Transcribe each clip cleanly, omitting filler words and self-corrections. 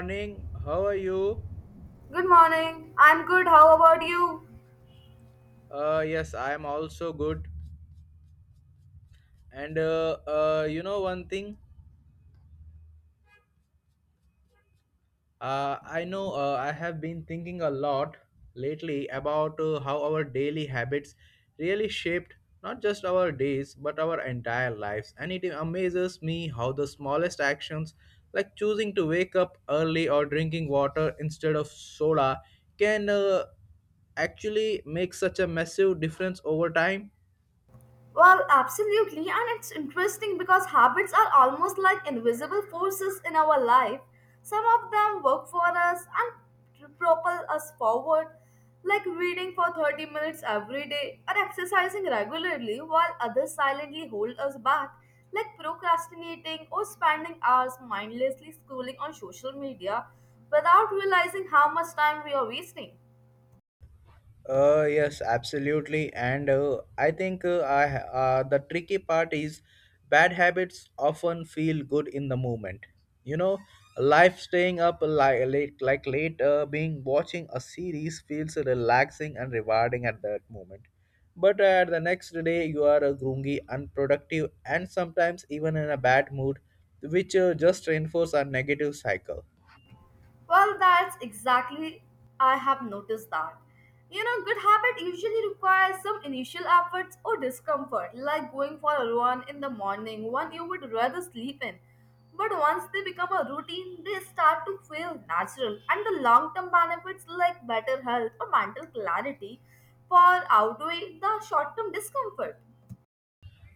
Morning. How are you? Good morning. I'm good. How about you? Yes, I am also good. And one thing, I know I have been thinking a lot lately about how our daily habits really shaped not just our days but our entire lives. And it amazes me how the smallest actions, like choosing to wake up early or drinking water instead of soda, can actually make such a massive difference over time. Well, absolutely. And it's interesting because habits are almost like invisible forces in our life. Some of them work for us and propel us forward, like reading for 30 minutes every day or exercising regularly, while others silently hold us back, like procrastinating or spending hours mindlessly scrolling on social media without realizing how much time we are wasting. Yes, absolutely. And I think the tricky part is bad habits often feel good in the moment. You know, life staying up like late, being watching a series feels relaxing and rewarding at that moment. But the next day, you are grungy, unproductive, and sometimes even in a bad mood, which just reinforce our negative cycle. Well, that's exactly I have noticed that. You know, good habit usually requires some initial efforts or discomfort, like going for a run in the morning, one you would rather sleep in. But once they become a routine, they start to feel natural, and the long term benefits like better health or mental clarity far outweigh the short term discomfort.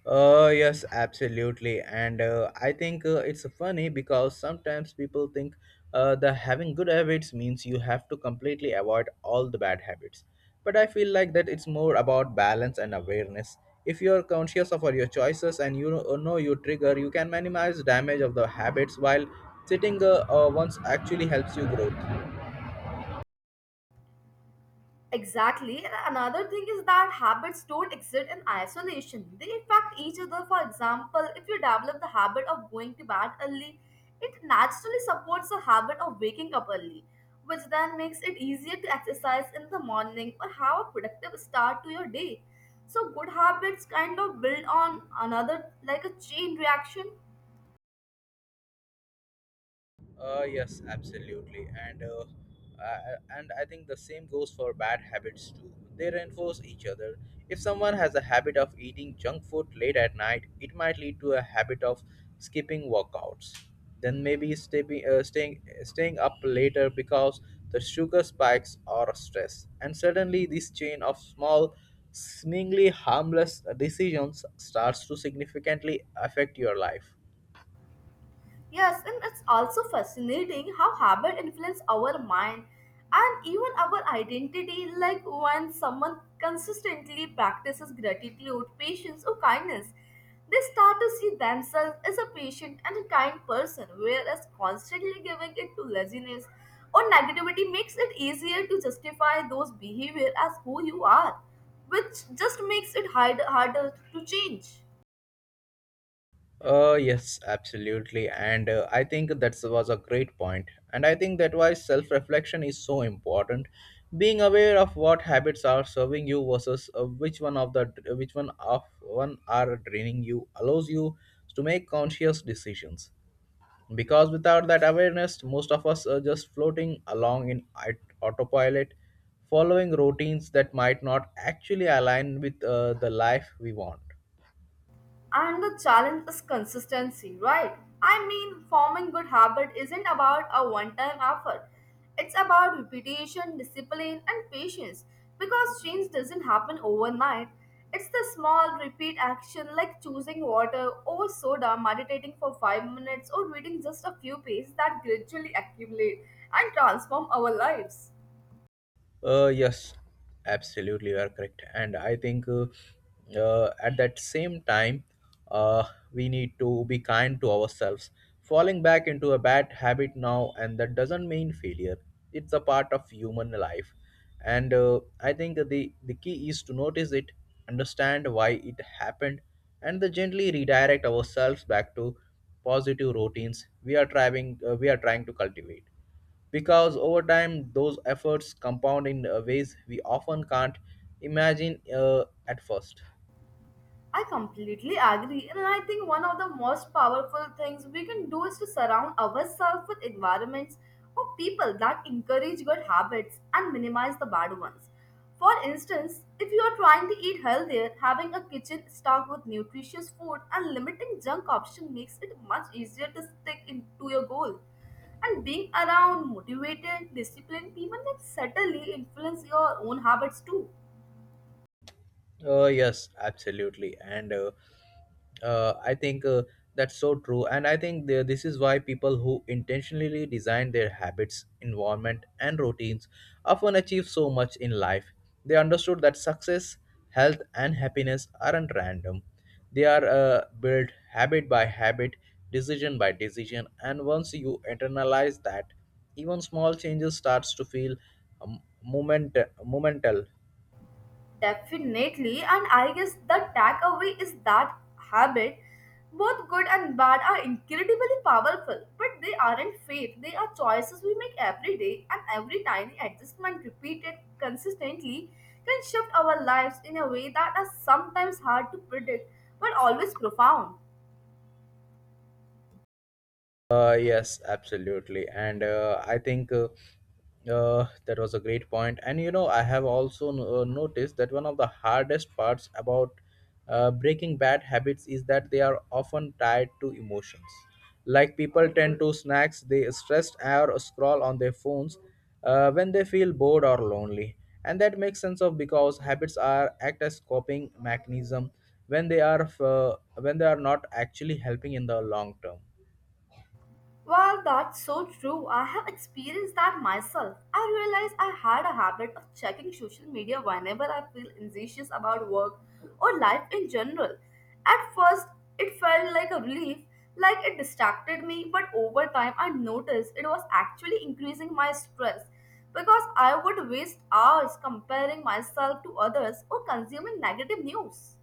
Yes, absolutely. And I think it's funny because sometimes people think that having good habits means you have to completely avoid all the bad habits. But I feel like that it's more about balance and awareness. If you're conscious of all your choices and you know your trigger, you can minimize damage of the habits while sitting once actually helps you grow. Exactly. And another thing is that habits don't exist in isolation. They affect each other. For example, if you develop the habit of going to bed early, it naturally supports the habit of waking up early, which then makes it easier to exercise in the morning or have a productive start to your day. So good habits kind of build on another like a chain reaction. Yes, absolutely, and I think the same goes for bad habits too. They reinforce each other. If someone has a habit of eating junk food late at night, it might lead to a habit of skipping workouts. Then maybe staying up later because the sugar spikes or stress. And suddenly, this chain of small, seemingly harmless decisions starts to significantly affect your life. Yes, and it's also fascinating how habit influence our mind and even our identity. Like when someone consistently practices gratitude, patience, or kindness, they start to see themselves as a patient and a kind person, whereas constantly giving it to laziness or negativity makes it easier to justify those behavior as who you are, which just makes it harder to change. Yes, absolutely. And I think that was a great point. And I think that why self reflection is so important. Being aware of what habits are serving you versus which one of the which one of one are draining you allows you to make conscious decisions. Because without that awareness, most of us are just floating along in autopilot, following routines that might not actually align with the life we want. And the challenge is consistency, right? I mean, forming good habit isn't about a one-time effort. It's about repetition, discipline, and patience because change doesn't happen overnight. It's the small repeat action like choosing water over soda, meditating for 5 minutes, or reading just a few pages that gradually accumulate and transform our lives. Yes, absolutely, you are correct. And I think at that same time, uh, we need to be kind to ourselves. Falling back into a bad habit now, and that doesn't mean failure. It's a part of human life, and I think the key is to notice it, understand why it happened, and then gently redirect ourselves back to positive routines we are trying to cultivate because over time those efforts compound in ways we often can't imagine at first. I completely agree, and I think one of the most powerful things we can do is to surround ourselves with environments or people that encourage good habits and minimize the bad ones. For instance, if you are trying to eat healthier, having a kitchen stocked with nutritious food and limiting junk options makes it much easier to stick into your goal. And being around motivated, disciplined people can certainly influence your own habits too. Yes, absolutely. And I think that's so true. And I think this is why people who intentionally design their habits, environment, and routines often achieve so much in life. They understood that success, health, and happiness aren't random. They are built habit by habit, decision by decision. And once you internalize that, even small changes starts to feel um, moment, momental. Definitely, and I guess the takeaway is that habit, both good and bad, are incredibly powerful, but they aren't fate. They are choices we make every day, and every tiny adjustment repeated consistently can shift our lives in a way that is sometimes hard to predict but always profound. Yes, absolutely. And I think that was a great point. And you know, I have also noticed that one of the hardest parts about breaking bad habits is that they are often tied to emotions. Like people tend to snacks, they stress or scroll on their phones when they feel bored or lonely. And that makes sense of because habits are act as coping mechanism when they are not actually helping in the long term. Well, that's so true. I have experienced that myself. I realized I had a habit of checking social media whenever I feel anxious about work or life in general. At first, it felt like a relief, like it distracted me, but over time, I noticed it was actually increasing my stress because I would waste hours comparing myself to others or consuming negative news.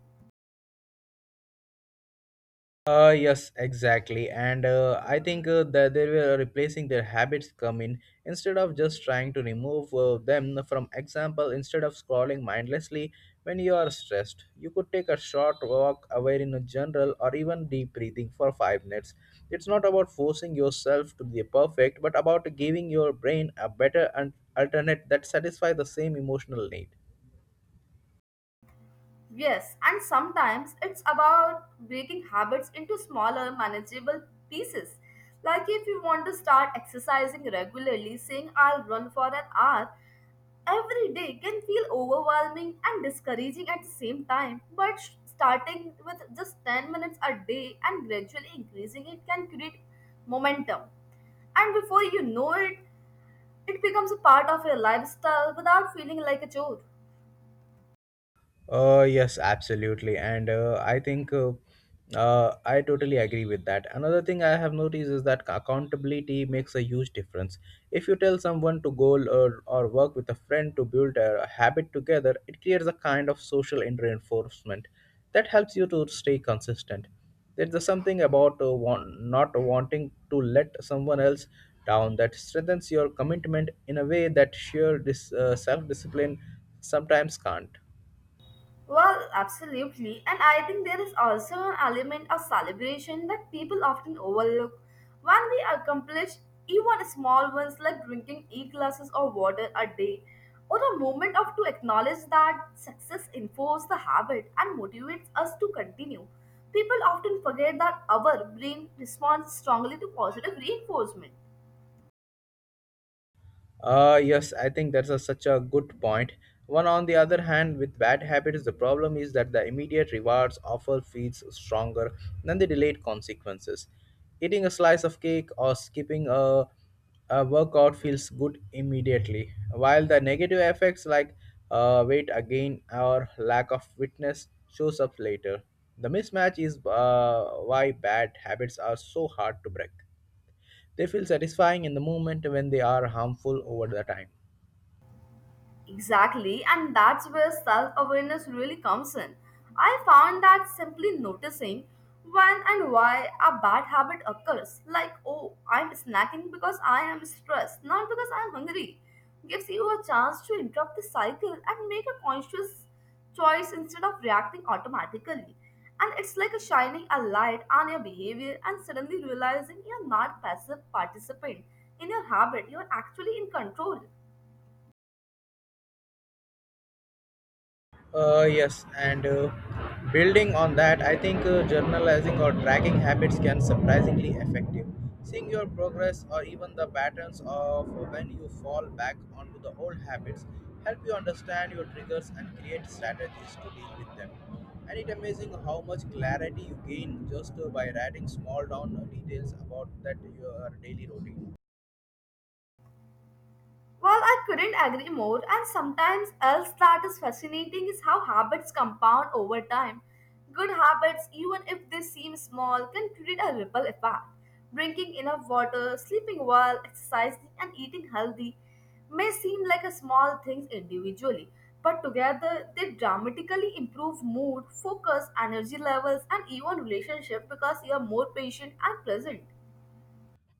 Yes, exactly. And I think that they were replacing their habits come in instead of just trying to remove them from example instead of scrolling mindlessly when you are stressed. You could take a short walk away in a general or even deep breathing for 5 minutes. It's not about forcing yourself to be perfect but about giving your brain a better alternate that satisfies the same emotional need. Yes, and sometimes it's about breaking habits into smaller, manageable pieces. Like if you want to start exercising regularly, saying I'll run for an hour every day can feel overwhelming and discouraging at the same time. But starting with just 10 minutes a day and gradually increasing it can create momentum. And before you know it, it becomes a part of your lifestyle without feeling like a chore. Yes, absolutely. And I think I totally agree with that. Another thing I have noticed is that accountability makes a huge difference. If you tell someone to go or work with a friend to build a habit together, it creates a kind of social reinforcement that helps you to stay consistent. There's something about not wanting to let someone else down that strengthens your commitment in a way that sheer self discipline sometimes can't. Well, absolutely. And I think there is also an element of celebration that people often overlook. When we accomplish even small ones like drinking eight glasses of water a day, or a moment of to acknowledge that success enforces the habit and motivates us to continue. People often forget that our brain responds strongly to positive reinforcement. Yes, I think that's a, such a good point. One, on the other hand, with bad habits, the problem is that the immediate rewards often feels stronger than the delayed consequences. Eating a slice of cake or skipping a workout feels good immediately, while the negative effects like weight gain or lack of fitness shows up later. The mismatch is why bad habits are so hard to break. They feel satisfying in the moment when they are harmful over the time. Exactly, and that's where self awareness really comes in. I found that simply noticing when and why a bad habit occurs, like, oh, I'm snacking because I am stressed, not because I'm hungry, gives you a chance to interrupt the cycle and make a conscious choice instead of reacting automatically. And it's like a shining a light on your behavior and suddenly realizing you're not passive participant in your habit, you're actually in control. Yes, and building on that, I think journalizing or tracking habits can surprisingly effective. Seeing your progress or even the patterns of when you fall back onto the old habits help you understand your triggers and create strategies to deal with them. And it's amazing how much clarity you gain just by writing small down details about that your daily routine. Well, I couldn't agree more, and sometimes else that is fascinating is how habits compound over time. Good habits, even if they seem small, can create a ripple effect. Drinking enough water, sleeping well, exercising, and eating healthy may seem like a small things individually, but together they dramatically improve mood, focus, energy levels, and even relationship because you are more patient and present.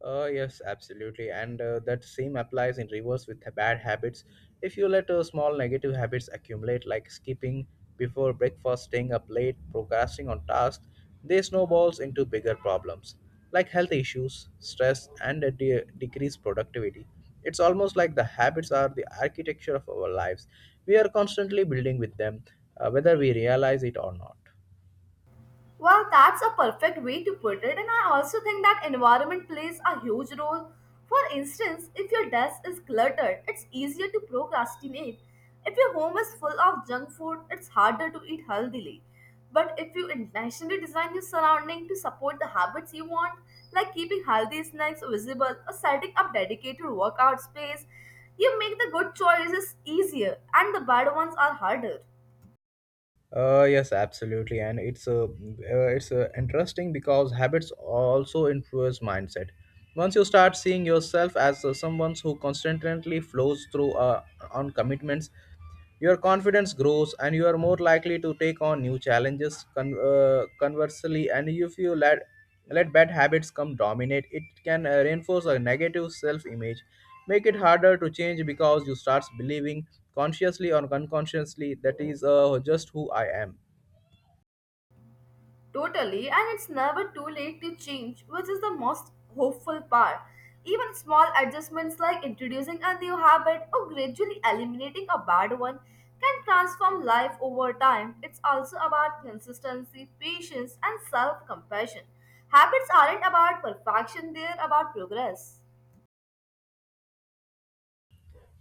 Yes, absolutely. And that same applies in reverse with the bad habits. If you let small negative habits accumulate, like skipping before breakfast, staying up late, procrastinating on tasks, they snowballs into bigger problems like health issues, stress, and a decreased productivity. It's almost like the habits are the architecture of our lives. We are constantly building with them, whether we realize it or not. Well, that's a perfect way to put it, and I also think that environment plays a huge role. For instance, if your desk is cluttered, it's easier to procrastinate. If your home is full of junk food, it's harder to eat healthily. But if you intentionally design your surrounding to support the habits you want, like keeping healthy snacks visible or setting up dedicated workout space, you make the good choices easier and the bad ones are harder. Yes, absolutely, and it's a it's interesting because habits also influence mindset. Once you start seeing yourself as someone who constantly flows through on commitments, your confidence grows and you are more likely to take on new challenges. Conversely, and if you let bad habits come dominate, it can reinforce a negative self image, make it harder to change because you start believing consciously or unconsciously that is just who I am. Totally, and it's never too late to change, which is the most hopeful part. Even small adjustments like introducing a new habit or gradually eliminating a bad one can transform life over time. It's also about consistency, patience, and self compassion. Habits aren't about perfection, they're about progress.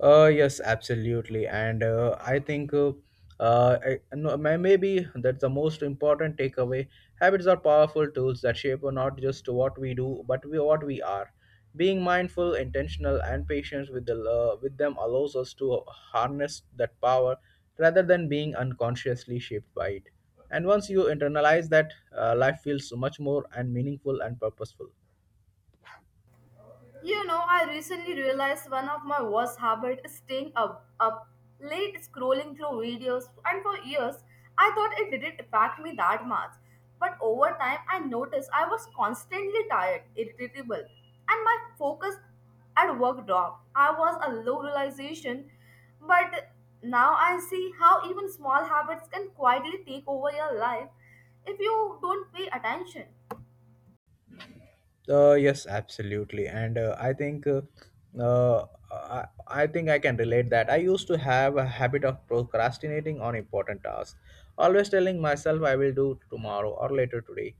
Yes, absolutely, and I think I, no, may- maybe that's the most important takeaway. Habits are powerful tools that shape not just what we do, but we, what we are. Being mindful, intentional, and patient with the with them allows us to harness that power rather than being unconsciously shaped by it. And once you internalize that, life feels much more and meaningful and purposeful. You know, I recently realized one of my worst habits is staying up late scrolling through videos, and for years I thought it didn't affect me that much. But over time, I noticed I was constantly tired, irritable, and my focus at work dropped. I was a low realization, but now I see how even small habits can quietly take over your life if you don't pay attention. Yes, absolutely, and I think I think I can relate that. I used to have a habit of procrastinating on important tasks, always telling myself I will do tomorrow or later today.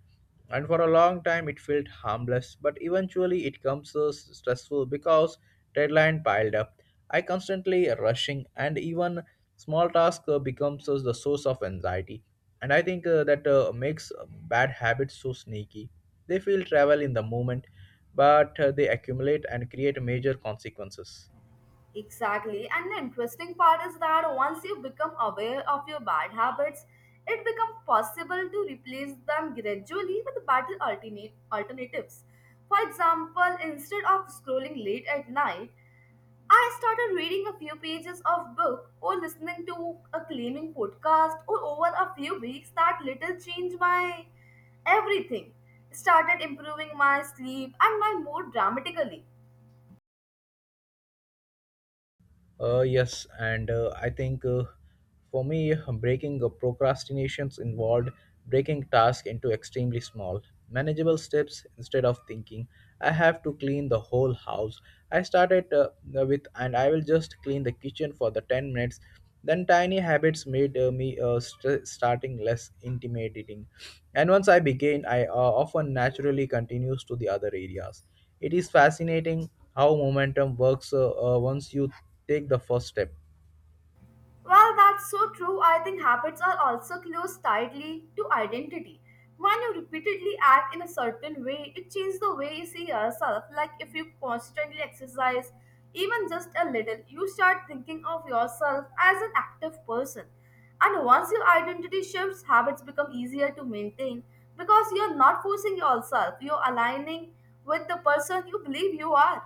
And for a long time, it felt harmless, but eventually, it comes so stressful because deadline piled up. I constantly rushing, and even small tasks becomes the source of anxiety. And I think that makes bad habits so sneaky. They feel travel in the moment, but they accumulate and create major consequences. Exactly. And the interesting part is that once you become aware of your bad habits, it becomes possible to replace them gradually with better alternate alternatives. For example, instead of scrolling late at night, I started reading a few pages of book or listening to a claiming podcast or over a few weeks that little changed my everything started improving my sleep and my mood dramatically. Yes, and I think for me, breaking procrastinations involved breaking tasks into extremely small, manageable steps instead of thinking, I have to clean the whole house. I started with, and I will just clean the kitchen for the 10 minutes. Then tiny habits made me starting less intimidating. And once I began, I often naturally continues to the other areas. It is fascinating how momentum works once you take the first step. Well, that's so true. I think habits are also close tightly to identity. When you repeatedly act in a certain way, it changes the way you see yourself. Like if you constantly exercise, even just a little, you start thinking of yourself as an active person. And once your identity shifts, habits become easier to maintain because you're not forcing yourself, you're aligning with the person you believe you are.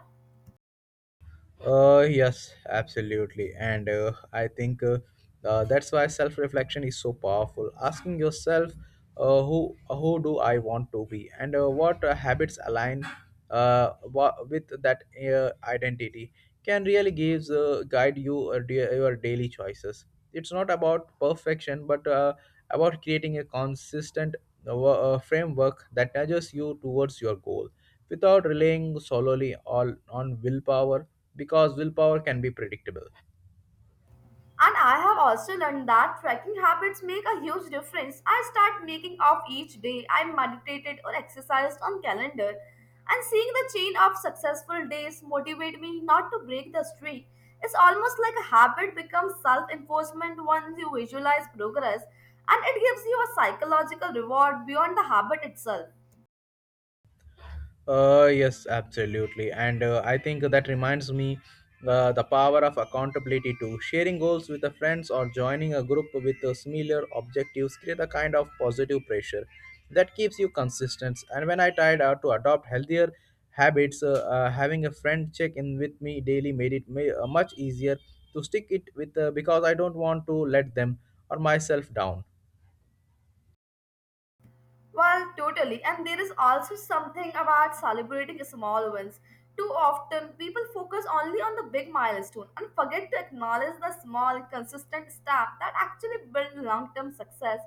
Yes, absolutely. And I think that's why self reflection is so powerful. Asking yourself, who do I want to be, and what habits align with that identity, can really gives guide you your daily choices. It's not about perfection, but about creating a consistent framework that nudges you towards your goal without relying solely all on willpower because willpower can be predictable. And I have also learned that tracking habits make a huge difference. I start making off each day. I meditated or exercised on calendar. And seeing the chain of successful days motivate me not to break the streak. It's almost like a habit becomes self-enforcement once you visualize progress and it gives you a psychological reward beyond the habit itself. Yes, absolutely. And I think that reminds me the power of accountability too. Sharing goals with the friends or joining a group with similar objectives create a kind of positive pressure that keeps you consistent. And when I tried out to adopt healthier habits, having a friend check in with me daily made it much easier to stick it with because I don't want to let them or myself down. Well, totally. And there is also something about celebrating small wins. Too often, people focus only on the big milestone and forget to acknowledge the small, consistent steps that actually build long term success.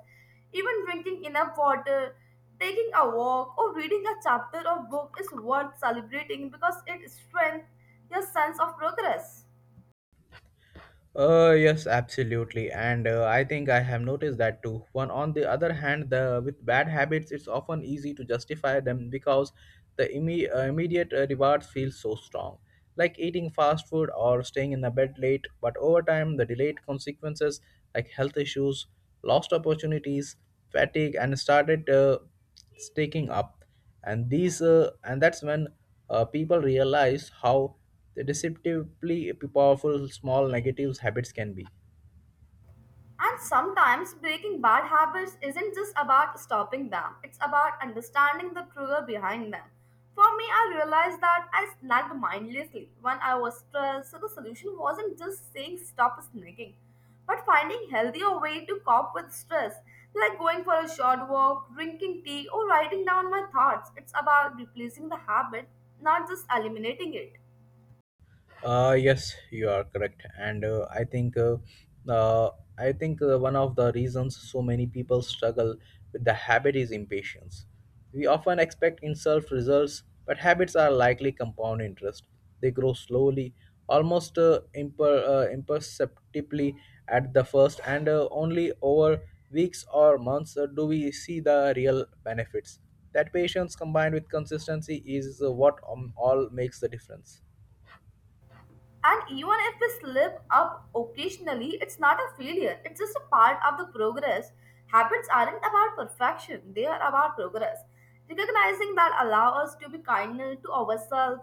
Even drinking enough water, taking a walk, or reading a chapter of book is worth celebrating because it strengthens your sense of progress. Yes, absolutely, and I think I have noticed that too. One on the other hand, the with bad habits, it's often easy to justify them because the immediate rewards feel so strong, like eating fast food or staying in the bed late. But over time, the delayed consequences like health issues, lost opportunities, fatigue, and started staking up and these and that's when people realize how deceptively powerful small negatives habits can be. And sometimes breaking bad habits isn't just about stopping them, it's about understanding the trigger behind them. For me, I realized that I snacked mindlessly when I was stressed, so the solution wasn't just saying stop snacking, but finding healthier way to cope with stress, like going for a short walk, drinking tea, or writing down my thoughts. It's about replacing the habit, not just eliminating it. Yes, you are correct, and uh, I think one of the reasons so many people struggle with the habit is impatience. We often expect instant results, but habits are likely compound interest. They grow slowly, almost imperceptibly at the first, and only over weeks or months do we see the real benefits. That patience combined with consistency is what all makes the difference. And even if we slip up occasionally, it's not a failure, it's just a part of the progress. Habits aren't about perfection, they are about progress. Recognizing that allow us to be kinder to ourselves,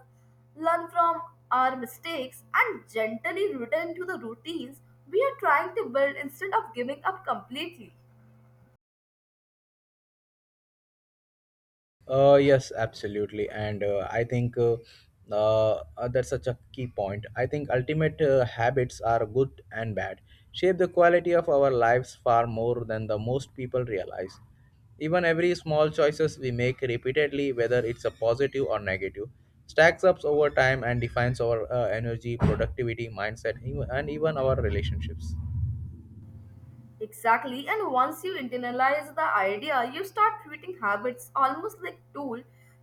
learn from our mistakes, and gently return to the routines we are trying to build instead of giving up completely. Yes, absolutely, and I think that's such a key point. I think ultimate habits are good and bad, shape the quality of our lives far more than the most people realize. Even every small choices we make repeatedly, whether it's a positive or negative, stacks up over time and defines our energy, productivity, mindset, even, and even our relationships. Exactly, and once you internalize the idea, you start treating habits almost like tool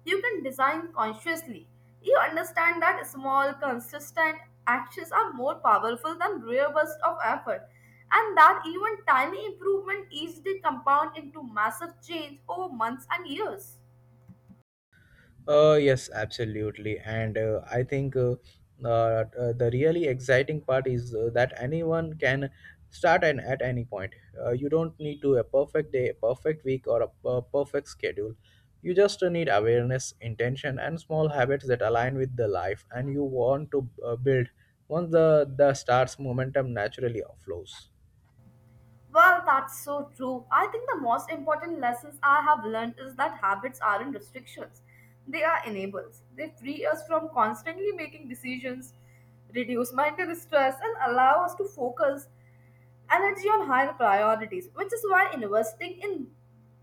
you can design consciously. You understand that small, consistent actions are more powerful than rare bursts of effort, and that even tiny improvement easily compound into massive change over months and years. Yes, absolutely. And I think the really exciting part is that anyone can start and at any point. You don't need to a perfect day, a perfect week, or a perfect schedule. You just need awareness, intention, and small habits that align with the life and you want to build. Once the starts, momentum naturally flows. Well, that's so true. I think the most important lessons I have learned is that habits aren't restrictions, they are enables. They free us from constantly making decisions, reduce mental stress, and allow us to focus energy on higher priorities, which is why investing in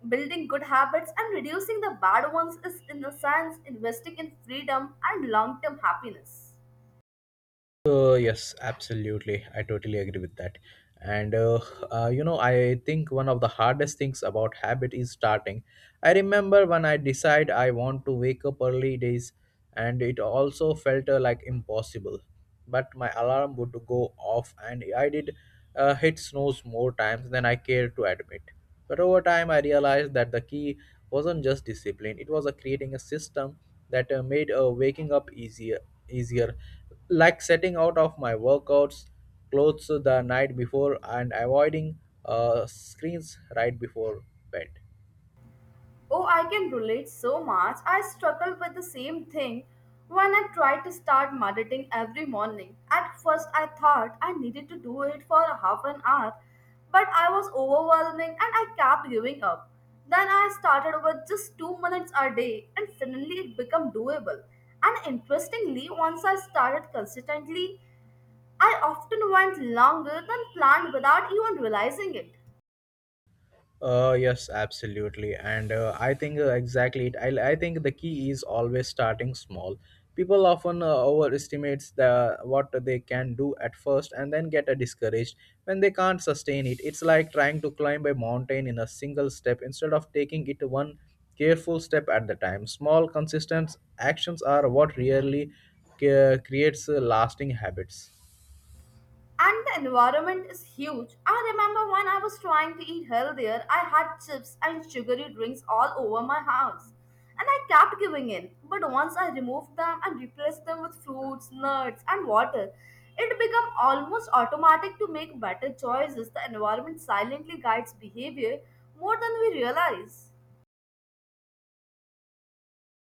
building good habits and reducing the bad ones is, in a sense, investing in freedom and long term happiness. Yes, absolutely. I totally agree with that. And you know, I think one of the hardest things about habit is starting. I remember when I decide I want to wake up early days, and it also felt like impossible. But my alarm would go off, and I did hit snooze more times than I care to admit. But over time, I realized that the key wasn't just discipline; it was creating a system that made waking up easier, like setting out of my workouts clothes the night before and avoiding screens right before bed. Oh, I can relate so much. I struggled with the same thing when I tried to start meditating every morning. At first, I thought I needed to do it for a half an hour, but I was overwhelming and I kept giving up. Then I started with just 2 minutes a day and suddenly it became doable. And interestingly, once I started consistently, I often went longer than planned without even realizing it. Yes, absolutely. And I think exactly it. I think the key is always starting small. People often overestimates the what they can do at first and then get discouraged when they can't sustain it. It's like trying to climb a mountain in a single step instead of taking it one careful step at the time. Small, consistent actions are what really creates lasting habits. And the environment is huge. I remember when I was trying to eat healthier, I had chips and sugary drinks all over my house. And I kept giving in. But once I removed them and replaced them with fruits, nuts, and water, it became almost automatic to make better choices. The environment silently guides behavior more than we realize.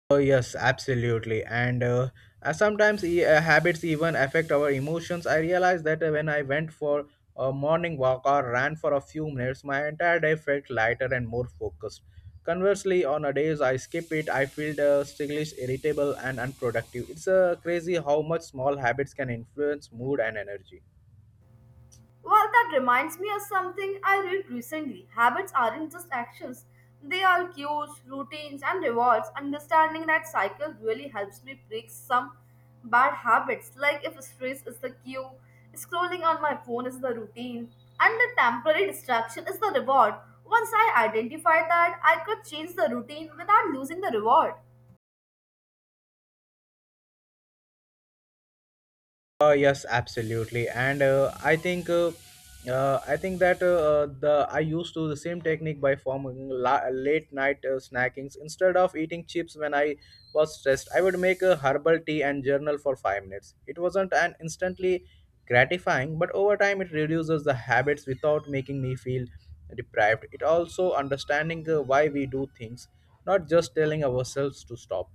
Oh, yes, absolutely. And sometimes habits even affect our emotions. I realized that when I went for a morning walk or ran for a few minutes, my entire day felt lighter and more focused. Conversely, on a days I skip it, I feel sluggish, irritable, and unproductive. It's crazy how much small habits can influence mood and energy. Well, that reminds me of something I read recently. Habits aren't just actions, they are cues, routines, and rewards. Understanding that cycle really helps me break some bad habits, like if stress is the cue, scrolling on my phone is the routine, and the temporary distraction is the reward. Once I identified that, I could change the routine without losing the reward. Yes, absolutely, and I think that the I used to the same technique by forming late night snackings instead of eating chips when I was stressed. I would make a herbal tea and journal for 5 minutes. It wasn't an instantly gratifying, but over time it reduces the habits without making me feel deprived. It also understanding why we do things, not just telling ourselves to stop.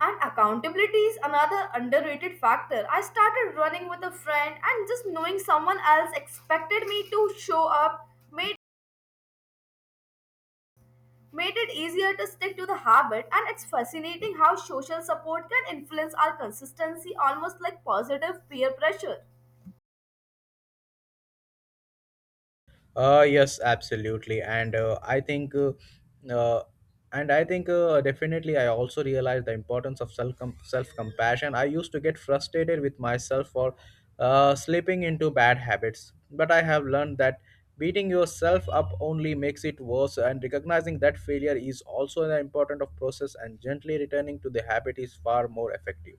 And accountability is another underrated factor. I started running with a friend, and just knowing someone else expected me to show up made it easier to stick to the habit. And it's fascinating how social support can influence our consistency almost like positive peer pressure. Yes, absolutely, and uh, I think definitely, I also realized the importance of self compassion. I used to get frustrated with myself for slipping into bad habits, but I have learned that beating yourself up only makes it worse. And recognizing that failure is also an important of process, and gently returning to the habit is far more effective.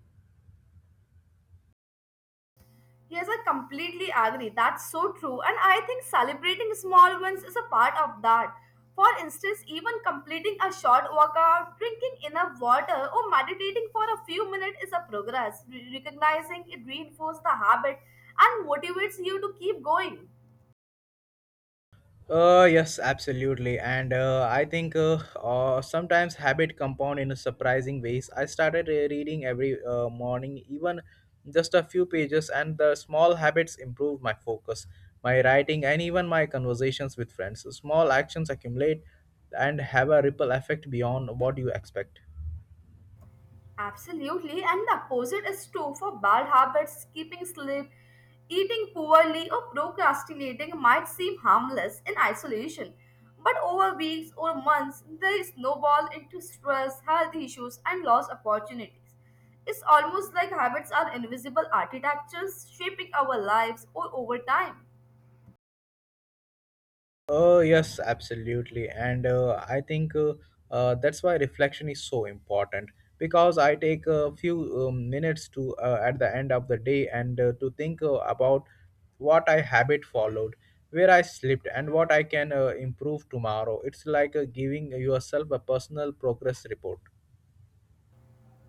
Yes, I completely agree. That's so true. And I think celebrating small wins is a part of that. For instance, even completing a short workout, drinking enough water, or meditating for a few minutes is a progress. Recognizing it reinforces the habit and motivates you to keep going. Yes, absolutely. And I think sometimes habit compound in a surprising ways. I started reading every morning, even just a few pages, and the small habits improved my focus, my writing, and even my conversations with friends. Small actions accumulate and have a ripple effect beyond what you expect. Absolutely, and the opposite is true for bad habits, keeping sleep, eating poorly, or procrastinating might seem harmless in isolation. But over weeks or months, they snowball into stress, health issues, and lost opportunities. It's almost like habits are invisible architectures shaping our lives or over time. Yes, absolutely. And I think that's why reflection is so important because I take a few minutes to at the end of the day and to think about what I habit followed, where I slipped, and what I can improve tomorrow. It's like giving yourself a personal progress report.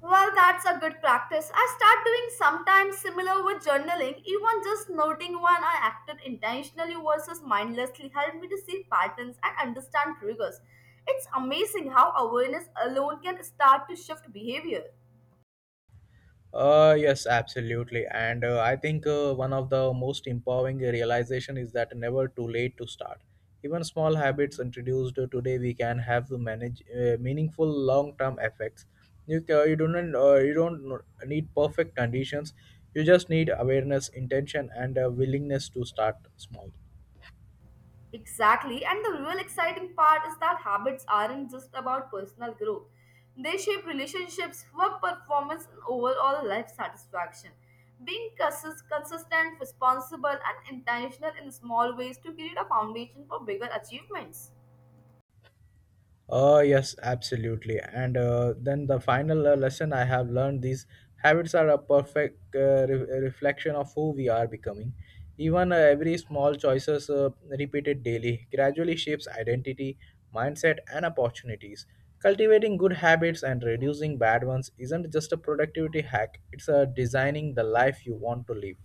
Well, that's a good practice. I start doing sometimes similar with journaling, even just noting when I acted intentionally versus mindlessly helped me to see patterns and understand triggers. It's amazing how awareness alone can start to shift behavior. Yes, absolutely. And I think one of the most empowering realization is that never too late to start. Even small habits introduced today, we can have to manage meaningful long-term effects. You don't need perfect conditions. You just need awareness, intention, and a willingness to start small. Exactly, and the real exciting part is that habits aren't just about personal growth. They shape relationships, work performance, and overall life satisfaction. Being consistent, responsible, and intentional in small ways to create a foundation for bigger achievements. Yes, absolutely. And then the final lesson I have learned these habits are a perfect reflection of who we are becoming. Even every small choices repeated daily gradually shapes identity, mindset, and opportunities. Cultivating good habits and reducing bad ones isn't just a productivity hack, it's a designing the life you want to live.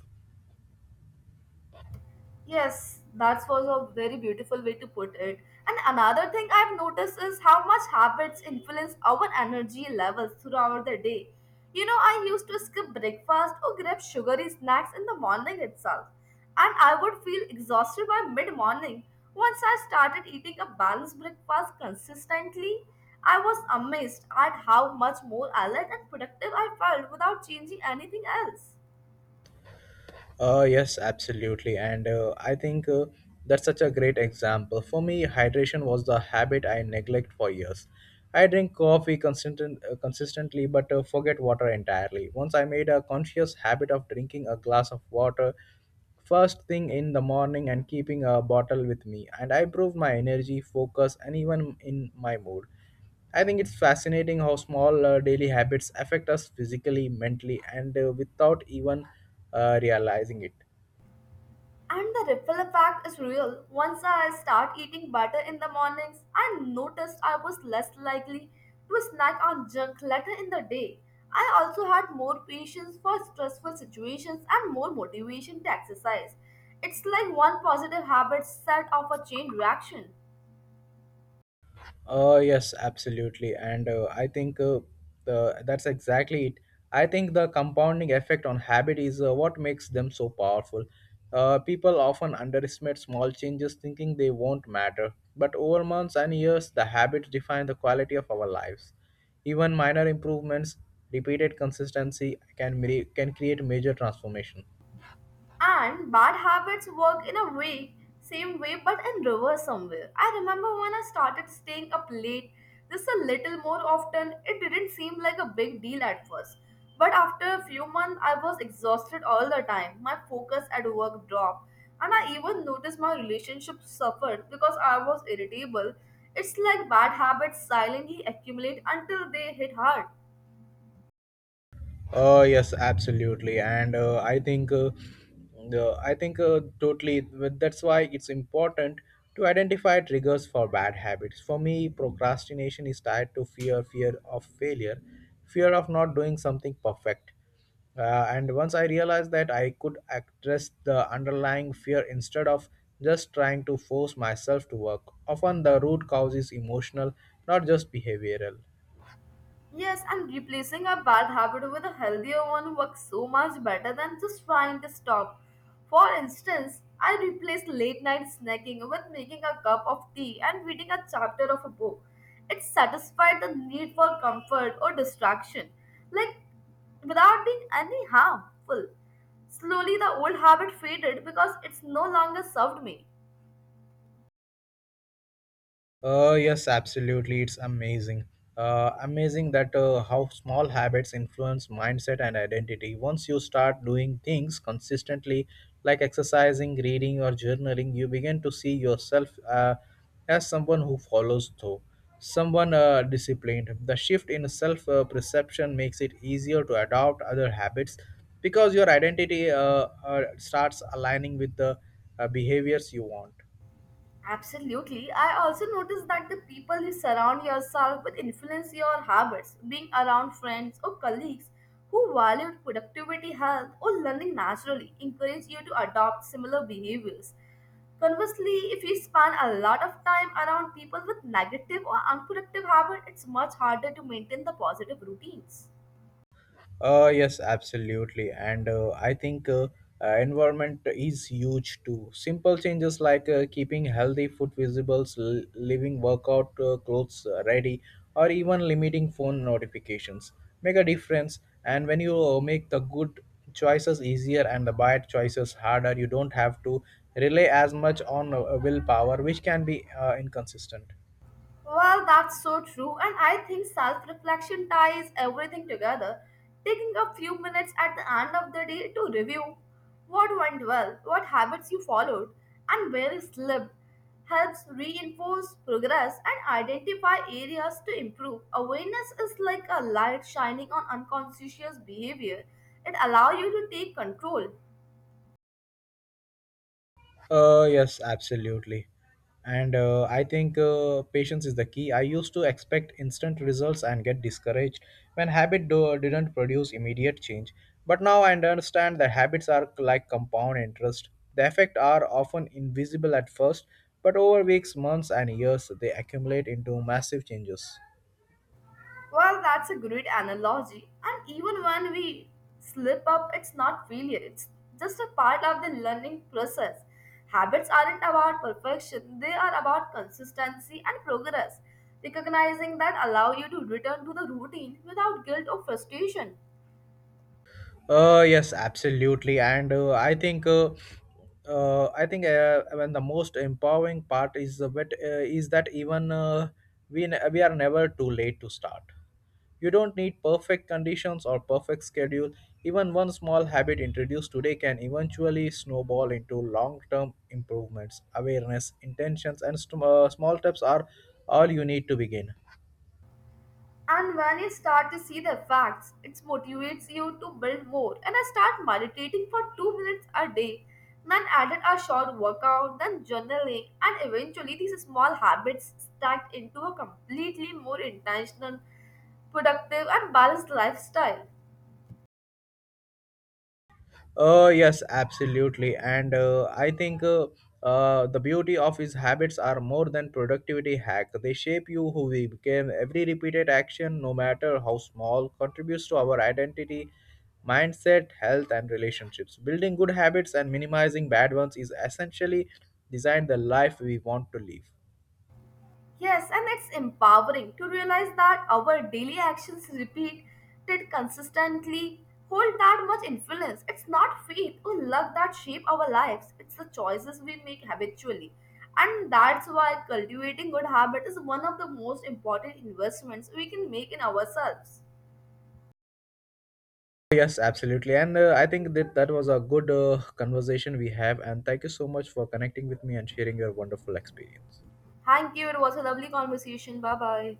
Yes, that was a very beautiful way to put it. And another thing I've noticed is how much habits influence our energy levels throughout the day. You know, I used to skip breakfast or grab sugary snacks in the morning itself, and I would feel exhausted by mid morning. Once I started eating a balanced breakfast consistently, I was amazed at how much more alert and productive I felt without changing anything else. Yes, absolutely. And I think that's such a great example. For me, hydration was the habit I neglect for years. I drink coffee consistently but forget water entirely. Once I made a conscious habit of drinking a glass of water first thing in the morning and keeping a bottle with me, and I improved my energy, focus, and even in my mood. I think it's fascinating how small daily habits affect us physically, mentally, and without even realizing it. And the ripple effect is real. Once I start eating butter in the mornings, I noticed I was less likely to snack on junk later in the day. I also had more patience for stressful situations and more motivation to exercise. It's like one positive habit set off a chain reaction. Yes, absolutely. And I think the, that's exactly it. I think the compounding effect on habit is what makes them so powerful. People often underestimate small changes thinking they won't matter. But over months and years, the habits define the quality of our lives. Even minor improvements, repeated consistency can create major transformation. And bad habits work in a way, same way, but in reverse somewhere. I remember when I started staying up late, just a little more often, it didn't seem like a big deal at first. But after a few months, I was exhausted all the time. My focus at work dropped, and I even noticed my relationship suffered because I was irritable. It's like bad habits silently accumulate until they hit hard. Yes, absolutely, and I think totally. That's why it's important to identify triggers for bad habits. For me, procrastination is tied to fear, fear of failure, fear of not doing something perfect. And once I realized that I could address the underlying fear instead of just trying to force myself to work. Often the root cause is emotional, not just behavioral. Yes, and replacing a bad habit with a healthier one works so much better than just trying to stop. For instance, I replaced late night snacking with making a cup of tea and reading a chapter of a book. It satisfied the need for comfort or distraction, like without being any harmful. Slowly, the old habit faded because it's no longer served me. Yes, absolutely. It's amazing. Amazing that how small habits influence mindset and identity. Once you start doing things consistently, like exercising, reading, or journaling, you begin to see yourself as someone who follows through, someone disciplined. The shift in self perception makes it easier to adopt other habits because your identity starts aligning with the behaviors you want. Absolutely. I also noticed that the people you surround yourself with influence your habits. Being around friends or colleagues who value productivity, health, or learning naturally encourage you to adopt similar behaviors. Conversely, if you spend a lot of time around people with negative or unproductive habits, it's much harder to maintain the positive routines. Yes, absolutely. And I think environment is huge too. Simple changes like keeping healthy food visible, leaving workout clothes ready, or even limiting phone notifications make a difference. And when you make the good choices easier and the bad choices harder, you don't have to rely as much on willpower, which can be inconsistent. Well, that's so true, and I think self reflection ties everything together. Taking a few minutes at the end of the day to review what went well, what habits you followed, and where you slipped helps reinforce progress and identify areas to improve. Awareness is like a light shining on unconscious behavior, it allows you to take control. Yes, absolutely. And I think patience is the key. I used to expect instant results and get discouraged when didn't produce immediate change. But now I understand that habits are like compound interest. The effects are often invisible at first, but over weeks, months, and years, they accumulate into massive changes. Well, that's a great analogy. And even when we slip up, it's not failure, it's just a part of the learning process. Habits aren't about perfection, they are about consistency and progress. Recognizing that allow you to return to the routine without guilt or frustration. Yes, absolutely, and I think. I think when the most empowering part is the bit, is that even we are never too late to start. You don't need perfect conditions or perfect schedule. Even one small habit introduced today can eventually snowball into long-term improvements. Awareness, intentions, and small steps are all you need to begin. And when you start to see the facts, it motivates you to build more. And I start meditating for 2 minutes a day, then added a short workout, then journaling, and eventually these small habits stacked into a completely more intentional, productive, and balanced lifestyle. Yes, absolutely. And I think the beauty of his habits are more than productivity hack. They shape you who we became. Every repeated action, no matter how small, contributes to our identity, mindset, health, and relationships. Building good habits and minimizing bad ones is essentially design the life we want to live. Yes, and it's empowering to realize that our daily actions repeated consistently hold that much influence. It's not fate or luck that shape our lives, it's the choices we make habitually. And that's why cultivating good habit is one of the most important investments we can make in ourselves. Yes, absolutely. And I think that that was a good conversation we have. And thank you so much for connecting with me and sharing your wonderful experience. Thank you. It was a lovely conversation. Bye bye.